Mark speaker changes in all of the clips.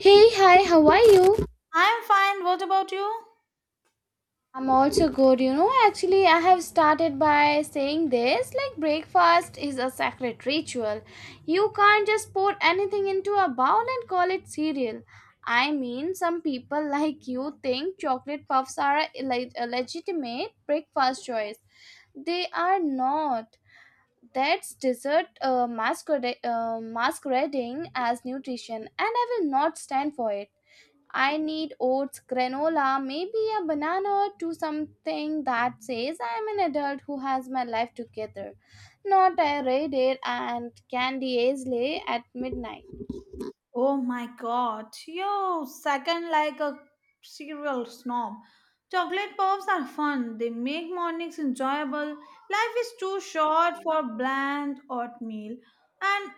Speaker 1: Hey, hi, how are you?
Speaker 2: I'm fine. What about you?
Speaker 1: I'm also good. You know, actually, I have started by saying this like breakfast is a sacred ritual. You can't just pour anything into a bowl and call it cereal. I mean, some people like you think chocolate puffs are a legitimate breakfast choice. They are not. That's dessert masquerading as nutrition, and I will not stand for it. I need oats, granola, maybe a banana or two, something that says I'm an adult who has my life together, not a raided and candy Aisley at midnight.
Speaker 2: Oh my god, you second like a cereal snob. Chocolate pops are fun. They make mornings enjoyable. Life is too short for bland oatmeal. And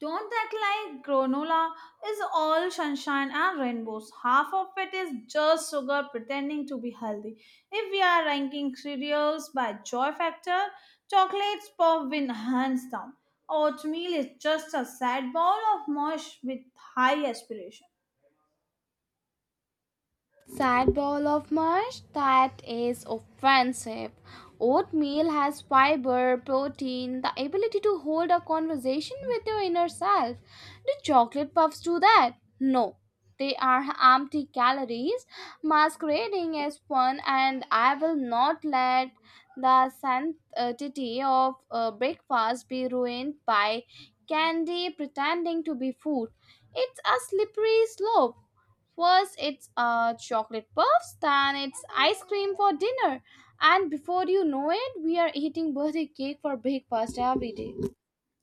Speaker 2: don't act like granola is all sunshine and rainbows. Half of it is just sugar pretending to be healthy. If we are ranking cereals by joy factor, chocolates pop win hands down. Oatmeal is just a sad bowl of mush with high aspiration.
Speaker 1: Sad bowl of mush, that is offensive. Oatmeal has fiber, protein, the ability to hold a conversation with your inner self. Do chocolate puffs do that? No. They are empty calories masquerading as fun, and I will not let the sanctity of breakfast be ruined by candy pretending to be food. It's a slippery slope. First, it's chocolate puffs, then it's ice cream for dinner, and before you know it, we are eating birthday cake for breakfast every day.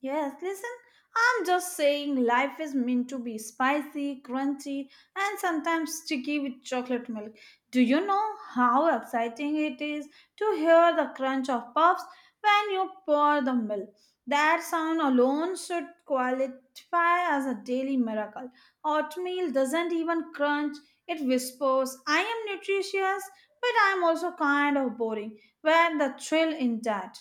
Speaker 2: Yes, listen, I'm just saying life is meant to be spicy, crunchy, and sometimes sticky with chocolate milk. Do you know how exciting it is to hear the crunch of puffs when you pour the milk? That sound alone should qualify as a daily miracle. Oatmeal doesn't even crunch, it whispers, I am nutritious, but I'm also kind of boring. Where the thrill in that?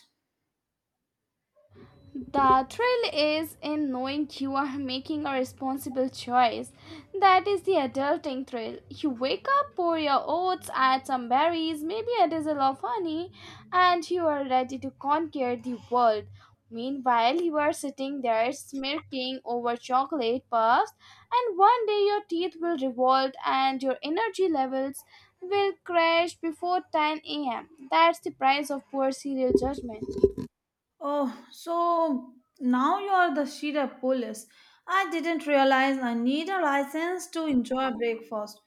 Speaker 1: The thrill is in knowing you are making a responsible choice. That is the adulting thrill. You wake up, pour your oats, add some berries, maybe a drizzle of honey, and you are ready to conquer the world. Meanwhile, you are sitting there smirking over chocolate puffs, and one day your teeth will revolt and your energy levels will crash before 10 a.m. That's the price of poor serial judgment.
Speaker 2: Oh, so now you are the Shira police. I didn't realize I need a license to enjoy breakfast.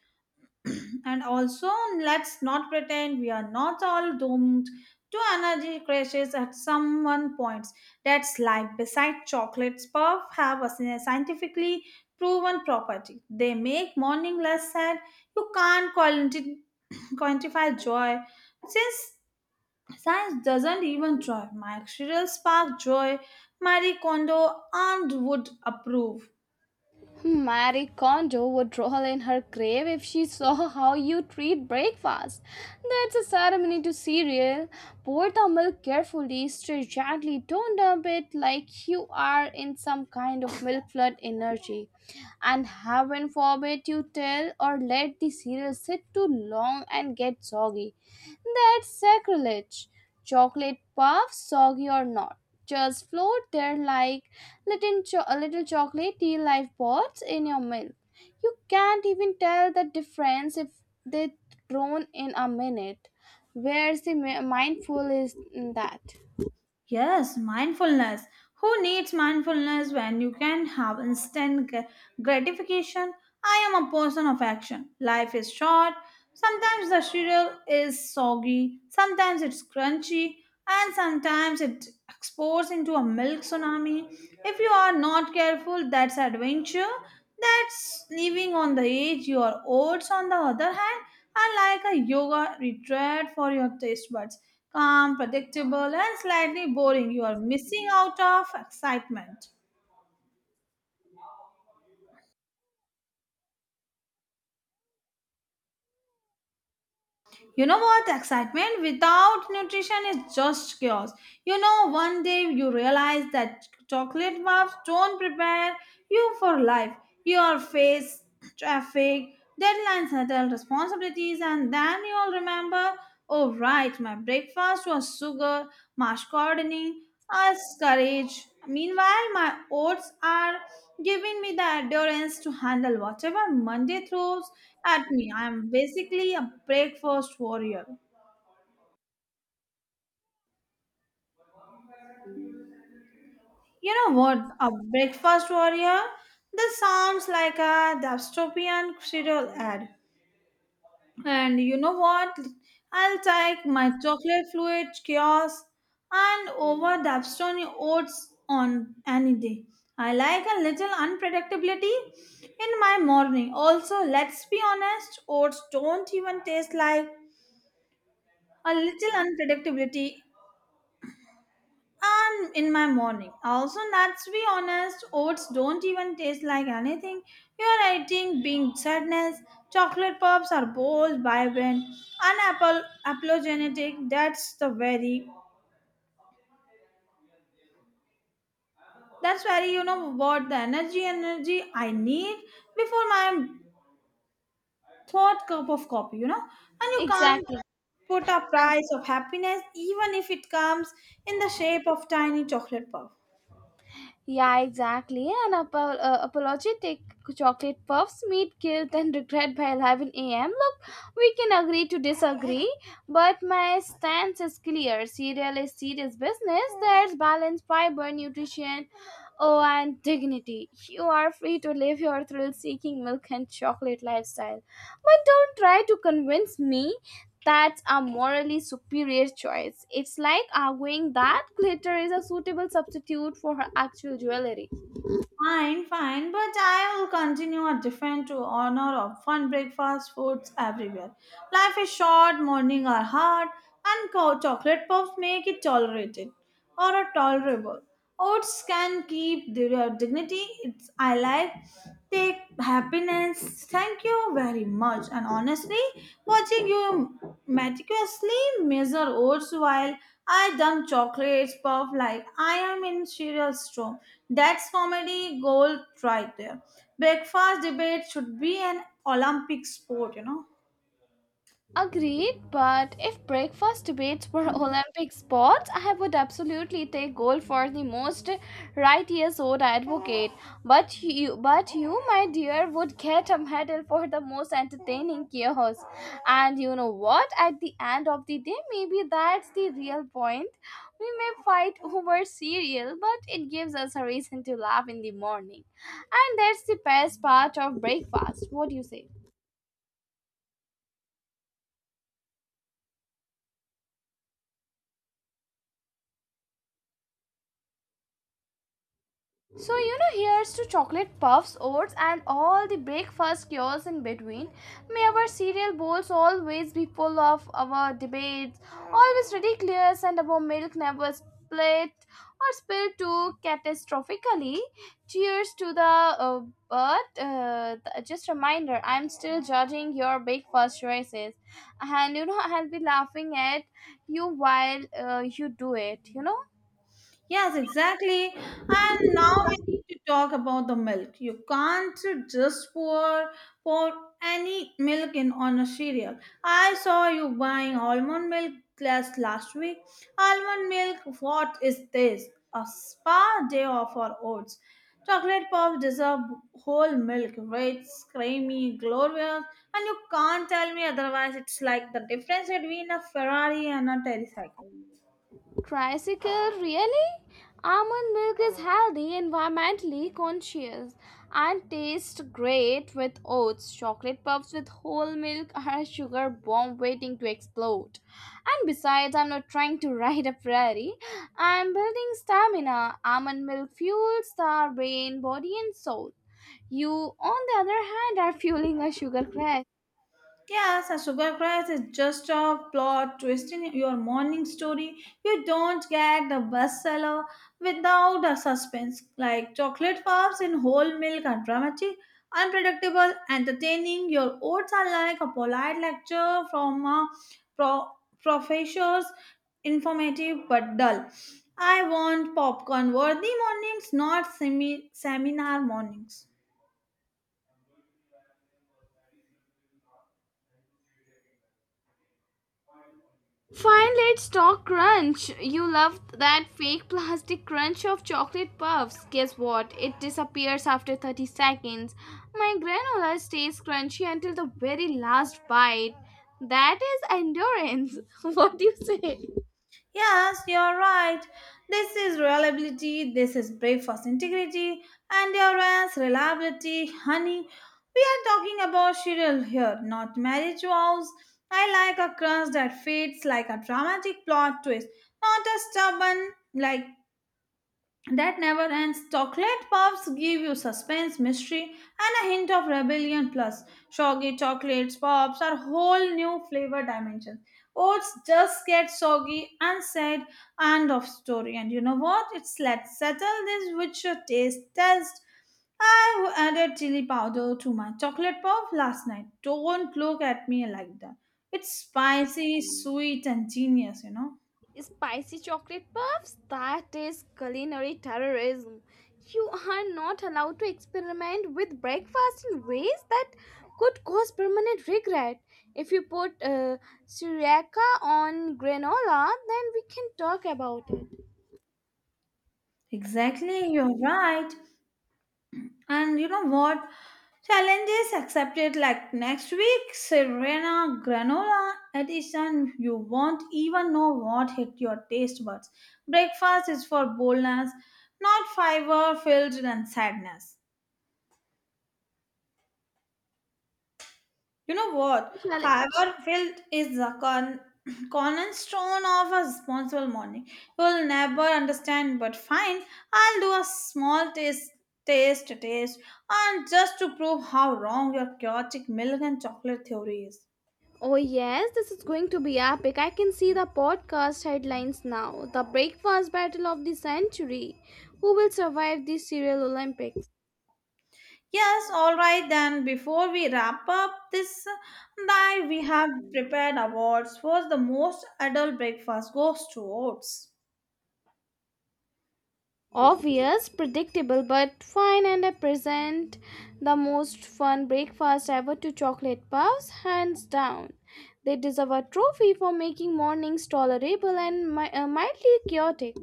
Speaker 2: And also, let's not pretend we are not all doomed to energy crashes at some one point. That's life. Besides, chocolates, puff have a scientifically proven property. They make morning less sad. You can't quantify joy since science doesn't even try. Mike Shirel sparked joy. Marie Kondo and would approve.
Speaker 1: Marie Kondo would roll in her grave if she saw how you treat breakfast. That's a ceremony to cereal. Pour the milk carefully, stir gently, don't dump it like you are in some kind of milk flood energy, and heaven forbid you tell or let the cereal sit too long and get soggy. That's sacrilege. Chocolate puffs, soggy or not, just float there like little chocolatey lifeboats in your milk. You can't even tell the difference if they thrown in a minute. Where's the mindful is in that?
Speaker 2: Yes, mindfulness. Who needs mindfulness when you can have instant gratification? I am a person of action. Life is short. Sometimes the cereal is soggy, sometimes it's crunchy, and sometimes it explodes into a milk tsunami. If you are not careful, that's adventure. That's living on the edge. Your oats, on the other hand, are like a yoga retreat for your taste buds. Calm, predictable, and slightly boring. You are missing out of excitement. You know what? Excitement without nutrition is just chaos. One day you realize that chocolate bars don't prepare you for life. Your face, traffic, deadlines, adult responsibilities, and then you'll remember oh, right, my breakfast was sugar, mash as courage. Meanwhile, my oats are giving me the endurance to handle whatever Monday throws at me. I am basically a breakfast warrior. You know what? A breakfast warrior? This sounds like a dystopian serial ad. And you know what? I'll take my chocolate fluid kiosk and over the Dapstone oats on any day. I like a little unpredictability in my morning. Also, let's be honest, oats don't even taste like a little unpredictability and in my morning. Also, let's be honest, oats don't even taste like anything. You are eating being sadness. Chocolate pops are bold, vibrant, and apple apologenetic. That's very you know what the energy I need before my third cup of coffee, you know? And you can't
Speaker 1: Exactly.
Speaker 2: put a price of happiness even if it comes in the shape of tiny chocolate puff.
Speaker 1: Yeah, exactly. An apologetic chocolate puffs meet guilt and regret by 11 a.m. Look, we can agree to disagree, but my stance is clear. Cereal is serious business. There's balance, fiber, nutrition, oh, and dignity. You are free to live your thrill seeking milk and chocolate lifestyle. But don't try to convince me that's a morally superior choice. It's like arguing that glitter is a suitable substitute for her actual jewelry.
Speaker 2: Fine, fine, but I will continue a different to honor of fun breakfast foods everywhere. Life is short, morning are hard, and chocolate puffs make it tolerated or a tolerable. Oats can keep their dignity. It's I like take happiness. Thank you very much. And honestly, watching you meticulously measure oats while I dump chocolates puff like I am in cereal storm that's comedy gold right there. Breakfast debate should be an Olympic sport, you know.
Speaker 1: Agreed, but if breakfast debates were Olympic sports, I would absolutely take gold for the most righteous old advocate. But you, my dear, would get a medal for the most entertaining chaos. And you know what? At the end of the day, maybe that's the real point. We may fight over cereal, but it gives us a reason to laugh in the morning, and that's the best part of breakfast. What do you say? So, you know, here's to chocolate puffs, oats, and all the breakfast cures in between. May our cereal bowls always be full of our debates, always ridiculous, and our milk never split or spilled too catastrophically. Cheers to the. Uh, just a reminder, I'm still judging your breakfast choices, and you know, I'll be laughing at you while you do it. You know.
Speaker 2: Yes, exactly. And now we need to talk about the milk. You can't just pour any milk in on a cereal. I saw you buying almond milk last week. Almond milk, what is this? A spa day of our oats. Chocolate puffs deserve whole milk, rich, creamy, glorious, and you can't tell me otherwise. It's like the difference between a Ferrari and a tricycle.
Speaker 1: Tricycle, really? Almond milk is healthy, environmentally conscious, and tastes great with oats. Chocolate puffs with whole milk are a sugar bomb waiting to explode. And besides, I'm not trying to ride a prairie. I'm building stamina. Almond milk fuels the brain, body, and soul. You, on the other hand, are fueling a sugar crash.
Speaker 2: Yes, a sugar crash is just a plot twisting your morning story. You don't get the bestseller without a suspense, like chocolate bars in whole milk are dramatic, unpredictable, entertaining. Your oats are like a polite lecture from a pro- professor's, informative but dull. I want popcorn worthy mornings, not seminar mornings.
Speaker 1: Fine, let's talk crunch. You loved that fake plastic crunch of chocolate puffs. Guess what? It disappears after 30 seconds. My granola stays crunchy until the very last bite. That is endurance. What do you say?
Speaker 2: Yes, you're right. This is reliability, this is breakfast integrity, endurance, reliability, honey. We are talking about cereal here, not marriage vows. I like a crunch that fades like a dramatic plot twist, not a stubborn like that never ends. Chocolate puffs give you suspense, mystery, and a hint of rebellion. Plus, soggy chocolates pops are whole new flavor dimensions. Oats just get soggy and said end of story. And you know what? It's let's settle this with your taste test. I added chili powder to my chocolate puff last night. Don't look at me like that. It's spicy, sweet, and genius.
Speaker 1: Spicy chocolate puffs? That is culinary terrorism. You are not allowed to experiment with breakfast in ways that could cause permanent regret. If you put sriracha on granola, then we can talk about it.
Speaker 2: Exactly, you're right. And you know what? Challenges accepted like next week, Serena granola edition. You won't even know what hit your taste buds. Breakfast is for boldness, not fiber filled and sadness. You know what?
Speaker 1: Challenge.
Speaker 2: Fiber filled is the cornerstone of a responsible morning. You will never understand, but fine. I'll do a small taste, and just to prove how wrong your chaotic milk and chocolate theory is.
Speaker 1: Oh, yes, this is going to be epic. I can see the podcast headlines now. The breakfast battle of the century. Who will survive the cereal Olympics?
Speaker 2: Yes, all right then. Before we wrap up this night, we have prepared awards for the most adult breakfast goes to oats.
Speaker 1: Obvious, predictable, but fine, and I present the most fun breakfast ever to chocolate puffs, hands down. They deserve a trophy for making mornings tolerable and mildly chaotic.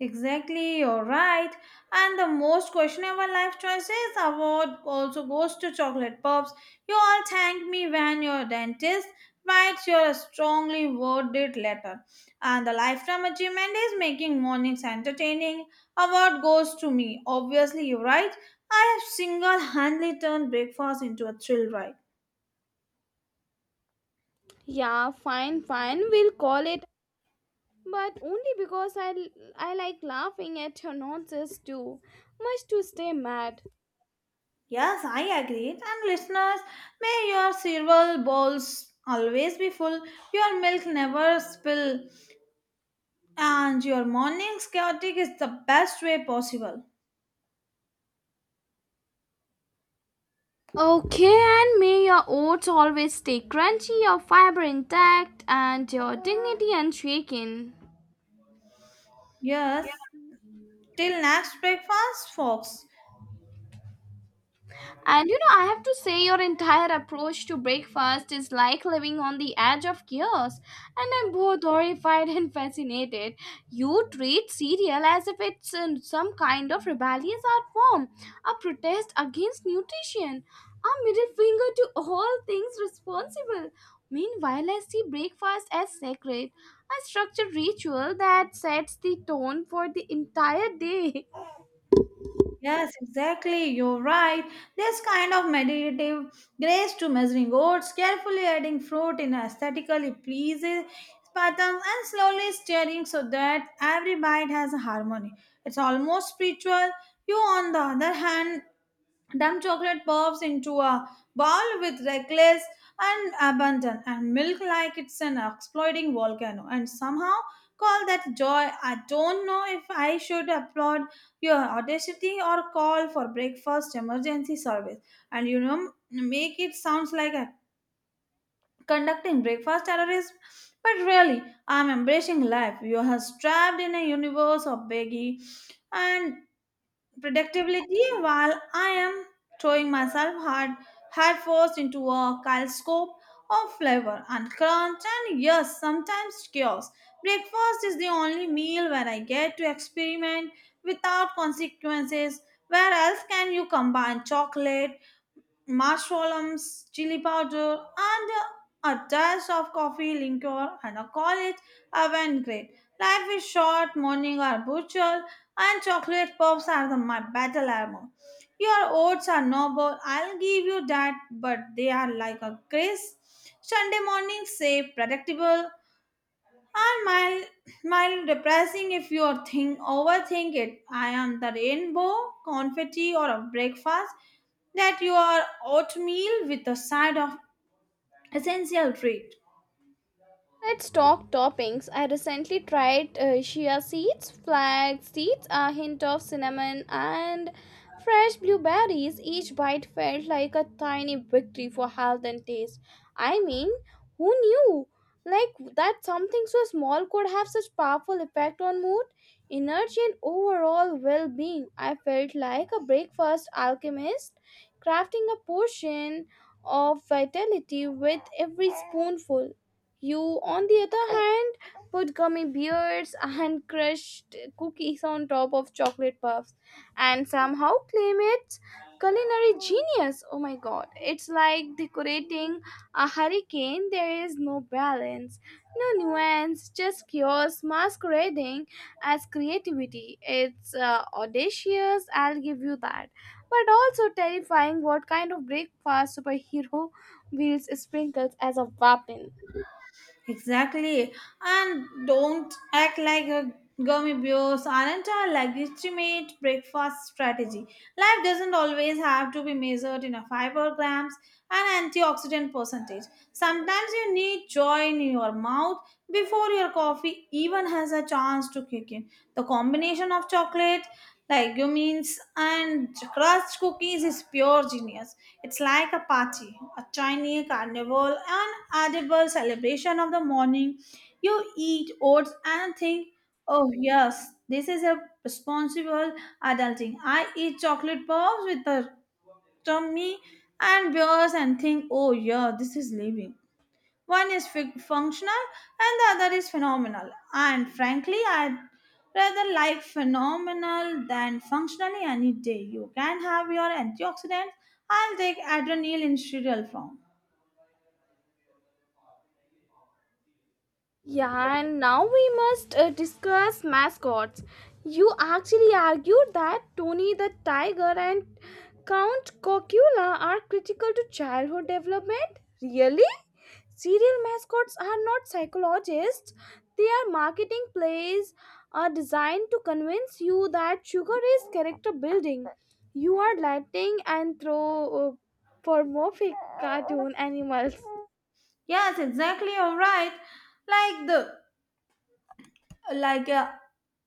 Speaker 2: Exactly, you're right. And the most questionable life choices award also goes to chocolate pops. You all thanked me when your dentist writes your strongly worded letter. And the lifetime achievement is making mornings entertaining. Award goes to me. Obviously, you're right. I have single handedly turned breakfast into a thrill ride.
Speaker 1: Yeah, fine, fine, we'll call it, but only because I like laughing at your nonsense too, much to stay mad.
Speaker 2: Yes, I agreed. And listeners, may your cereal bowls always be full, your milk never spill and your morning's chaotic is the best way possible.
Speaker 1: Okay, and may your oats always stay crunchy, your fiber intact, and your dignity unshaken.
Speaker 2: Yes, till next breakfast, folks.
Speaker 1: And you know, I have to say, your entire approach to breakfast is like living on the edge of chaos. And I'm both horrified and fascinated. You treat cereal as if it's some kind of rebellious art form, a protest against nutrition, a middle finger to all things responsible. Meanwhile, I see breakfast as sacred, a structured ritual that sets the tone for the entire day.
Speaker 2: Yes, exactly. You're right. This kind of meditative grace to measuring oats, carefully adding fruit in aesthetically pleasing patterns, and slowly stirring so that every bite has a harmony. It's almost spiritual. You, on the other hand, dump chocolate pops into a ball with reckless and abandon and milk like it's an exploding volcano and somehow call that joy. I don't know if I should applaud your audacity or call for breakfast emergency service. And you know, make it sounds like a conducting breakfast terrorism. But really, I'm embracing life. You are trapped in a universe of baggy and productivity, while I am throwing myself hard force into a kaleidoscope of flavor and crunch and yes, sometimes chaos. Breakfast is the only meal where I get to experiment without consequences. Where else can you combine chocolate, mushrooms, chili powder, and a dash of coffee, liqueur, and a college oven grate. Life is short, morning are butcher, and chocolate puffs are the, my battle armor. Your oats are noble, I'll give you that, but they are like a grace. Sunday morning, safe, predictable, and mild depressing if you are think overthink it. I am the rainbow, confetti, or a breakfast that you are oatmeal with a side of essential treat.
Speaker 1: Let's talk toppings. I recently tried chia seeds, flax seeds, a hint of cinnamon, and fresh blueberries. Each bite felt like a tiny victory for health and taste. I mean, who knew? Like that something so small could have such powerful effect on mood, energy, and overall well-being. I felt like a breakfast alchemist, crafting a portion of vitality with every spoonful. You, on the other hand, put gummy bears and crushed cookies on top of chocolate puffs and somehow claim it's culinary genius. Oh my god, it's like decorating a hurricane. There is no balance, no nuance, just chaos masquerading as creativity. It's audacious, I'll give you that. But also terrifying what kind of breakfast superhero wields sprinkles as a weapon.
Speaker 2: Exactly. And don't act like a gummy bears aren't a legitimate breakfast strategy. Life doesn't always have to be measured in a fiber grams and antioxidant percentage. Sometimes you need joy in your mouth before your coffee even has a chance to kick in. The combination of chocolate like you means and crust cookies is pure genius. It's like a party, a tiny carnival, an edible celebration of the morning. You eat oats and think, oh yes, this is a responsible adulting. I eat chocolate bars with a tummy and beers and think, oh yeah, this is living. One is functional and the other is phenomenal. And frankly, I'd rather like phenomenal than functionally any day. You can have your antioxidants. I'll take adrenaline in cereal form.
Speaker 1: Yeah, and now we must discuss mascots. You actually argued that Tony the Tiger and Count Cocula are critical to childhood development? Really? Serial mascots are not psychologists, they are marketing plays are designed to convince you that sugar is character building. You are lighting anthropomorphic cartoon animals.
Speaker 2: Yes, exactly. All right. Like the like a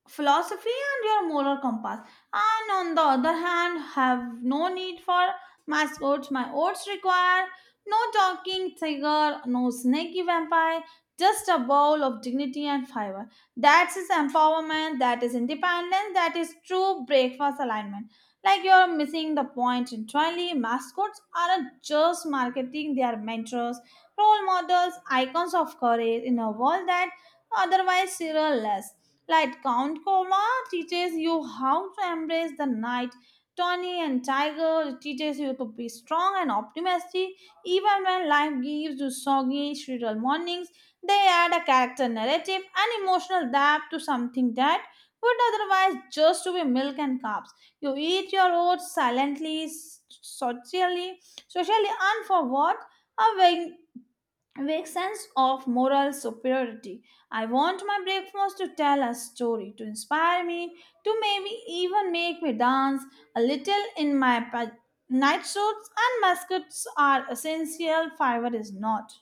Speaker 2: philosophy and your moral compass and on the other hand have no need for mascots, my oats require no talking tiger, no snaky vampire, just a bowl of dignity and fiber. That is empowerment, that is independence, that is true breakfast alignment. Like you're missing the point entirely, mascots aren't just marketing, they are mentors, role models, icons of courage in a world that otherwise cerealless. Like Count Kola teaches you how to embrace the night. Tony and Tiger teaches you to be strong and optimistic even when life gives you soggy, shrill mornings. They add a character narrative and emotional depth to something that would otherwise just be milk and carbs. You eat your oats silently, socially, and for what? A vague sense of moral superiority. I want my breakfast to tell a story, to inspire me, to maybe even make me dance a little in my night suits, and mascots are essential, fiber is not.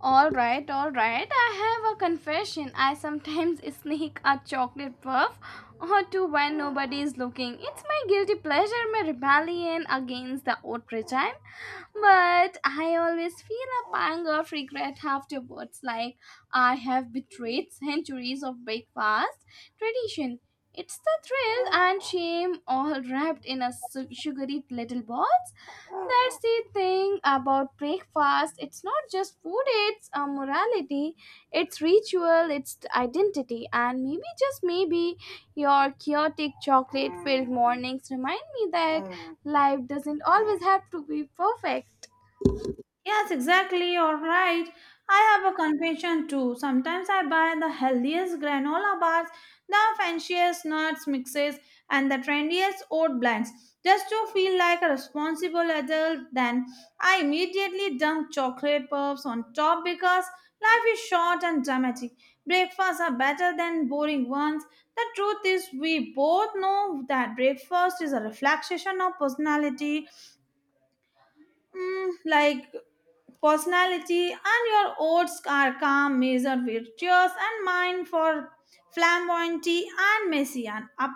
Speaker 1: All right, all right. I have a confession. I sometimes sneak a chocolate puff or two when nobody is looking. It's my guilty pleasure, my rebellion against the old regime. But I always feel a pang of regret afterwards, like I have betrayed centuries of breakfast tradition. It's the thrill and shame all wrapped in a sugary little balls. That's the thing about breakfast. It's not just food, it's a morality, it's ritual, it's identity, and maybe just maybe your chaotic chocolate filled mornings remind me that life doesn't always have to be perfect.
Speaker 2: Yes, exactly. You're right. I have a confession too. Sometimes I buy the healthiest granola bars, the fanciest nuts mixes, and the trendiest oat blends just to feel like a responsible adult. Then I immediately dump chocolate puffs on top because life is short and dramatic. Breakfasts are better than boring ones. The truth is, we both know that breakfast is a reflection of personality. Mm, like personality and your oats are calm, measured, virtuous, and mine for flamboyanty and messy and up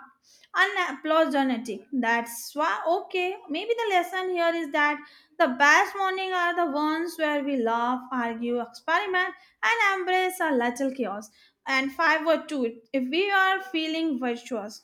Speaker 2: unapologetic. That's why okay maybe the lesson here is that the best morning are the ones where we laugh, argue, experiment, and embrace a little chaos, and 5 or 2 if we are feeling virtuous.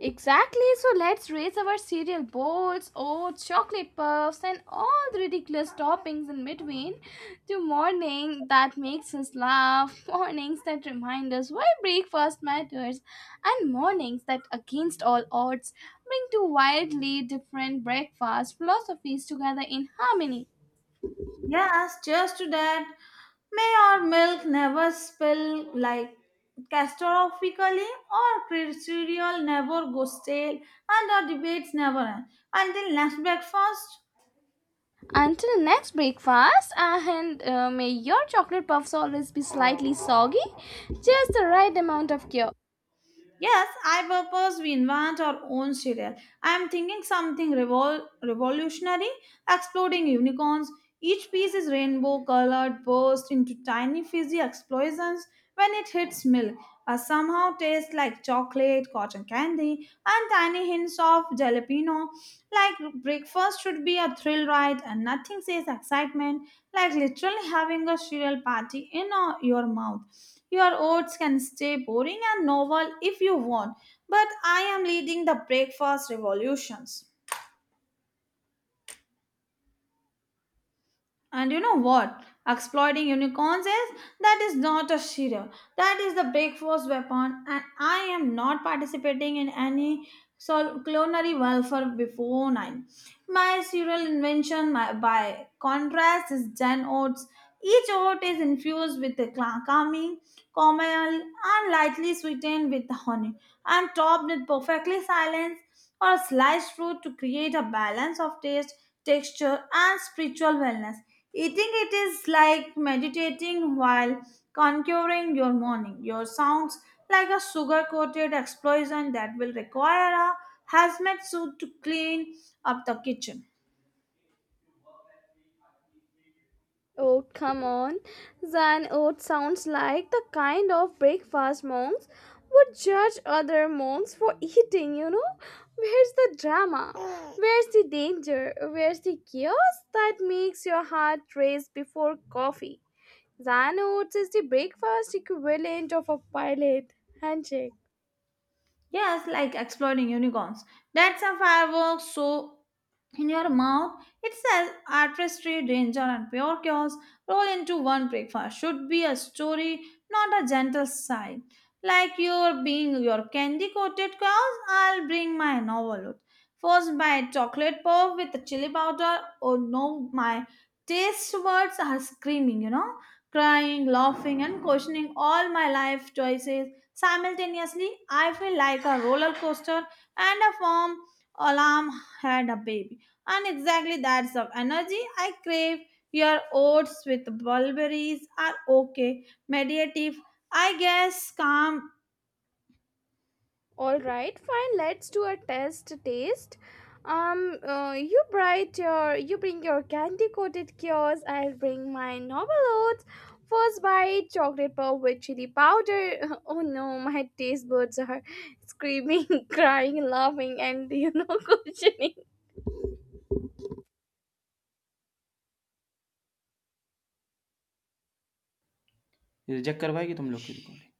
Speaker 1: Exactly, so let's raise our cereal bowls, oats, chocolate puffs, and all the ridiculous toppings in between to morning that makes us laugh, mornings that remind us why breakfast matters, and mornings that, against all odds, bring two wildly different breakfast philosophies together in harmony.
Speaker 2: Yes, cheers to that. May our milk never spill like catastrophically or cereal never go stale and our debates never end until next breakfast.
Speaker 1: Until next breakfast, and may your chocolate puffs always be slightly soggy, just the right amount of cure.
Speaker 2: Yes, I propose we invent our own cereal. I am thinking something revolutionary, exploding unicorns. Each piece is rainbow colored, burst into tiny fizzy explosions when it hits milk. Somehow tastes like chocolate, cotton candy, and tiny hints of jalapeno. Like breakfast should be a thrill ride, and nothing says excitement like literally having a cereal party in your mouth. Your oats can stay boring and novel if you want, but I am leading the breakfast revolutions. And you know what? Exploiting unicorns is that is not a shira. That is the big force weapon, and I am not participating in any culinary welfare before nine. My cereal invention, by contrast, is Gen Oats. Each oat is infused with the calming caramel, and lightly sweetened with honey, and topped with perfectly silenced or sliced fruit to create a balance of taste, texture, and spiritual wellness. Eating it is like meditating while conquering your morning. Your sounds like a sugar coated explosion that will require a hazmat suit to clean up the kitchen.
Speaker 1: Oh, come on. Zan oat sounds like the kind of breakfast monks would judge other monks for eating, you know? Where's the drama? Where's the danger? Where's the chaos that makes your heart race before coffee? Zan oats is the breakfast equivalent of a pilot handshake.
Speaker 2: Yes, like exploding unicorns. That's a firework show in your mouth. It's says artistry, danger, and pure chaos roll into one breakfast. Should be a story, not a gentle sigh. Like you're being your candy coated chaos, I'll bring my novelhood. First bite chocolate puff with the chili powder. Oh no, my taste words are screaming, crying, laughing, and questioning all my life choices. Simultaneously, I feel like a roller coaster and a firm alarm had a baby. And exactly that's of energy I crave. Your oats with bulberries are okay, meditative, I guess, calm.
Speaker 1: All right, fine. Let's do a test taste. You bring your candy coated cures. I'll bring my novel oats. First bite, chocolate pop with chili powder. Oh no, my taste buds are screaming, crying, laughing, and you know, questioning.
Speaker 2: ये check करवाएगी तुम लोग की recording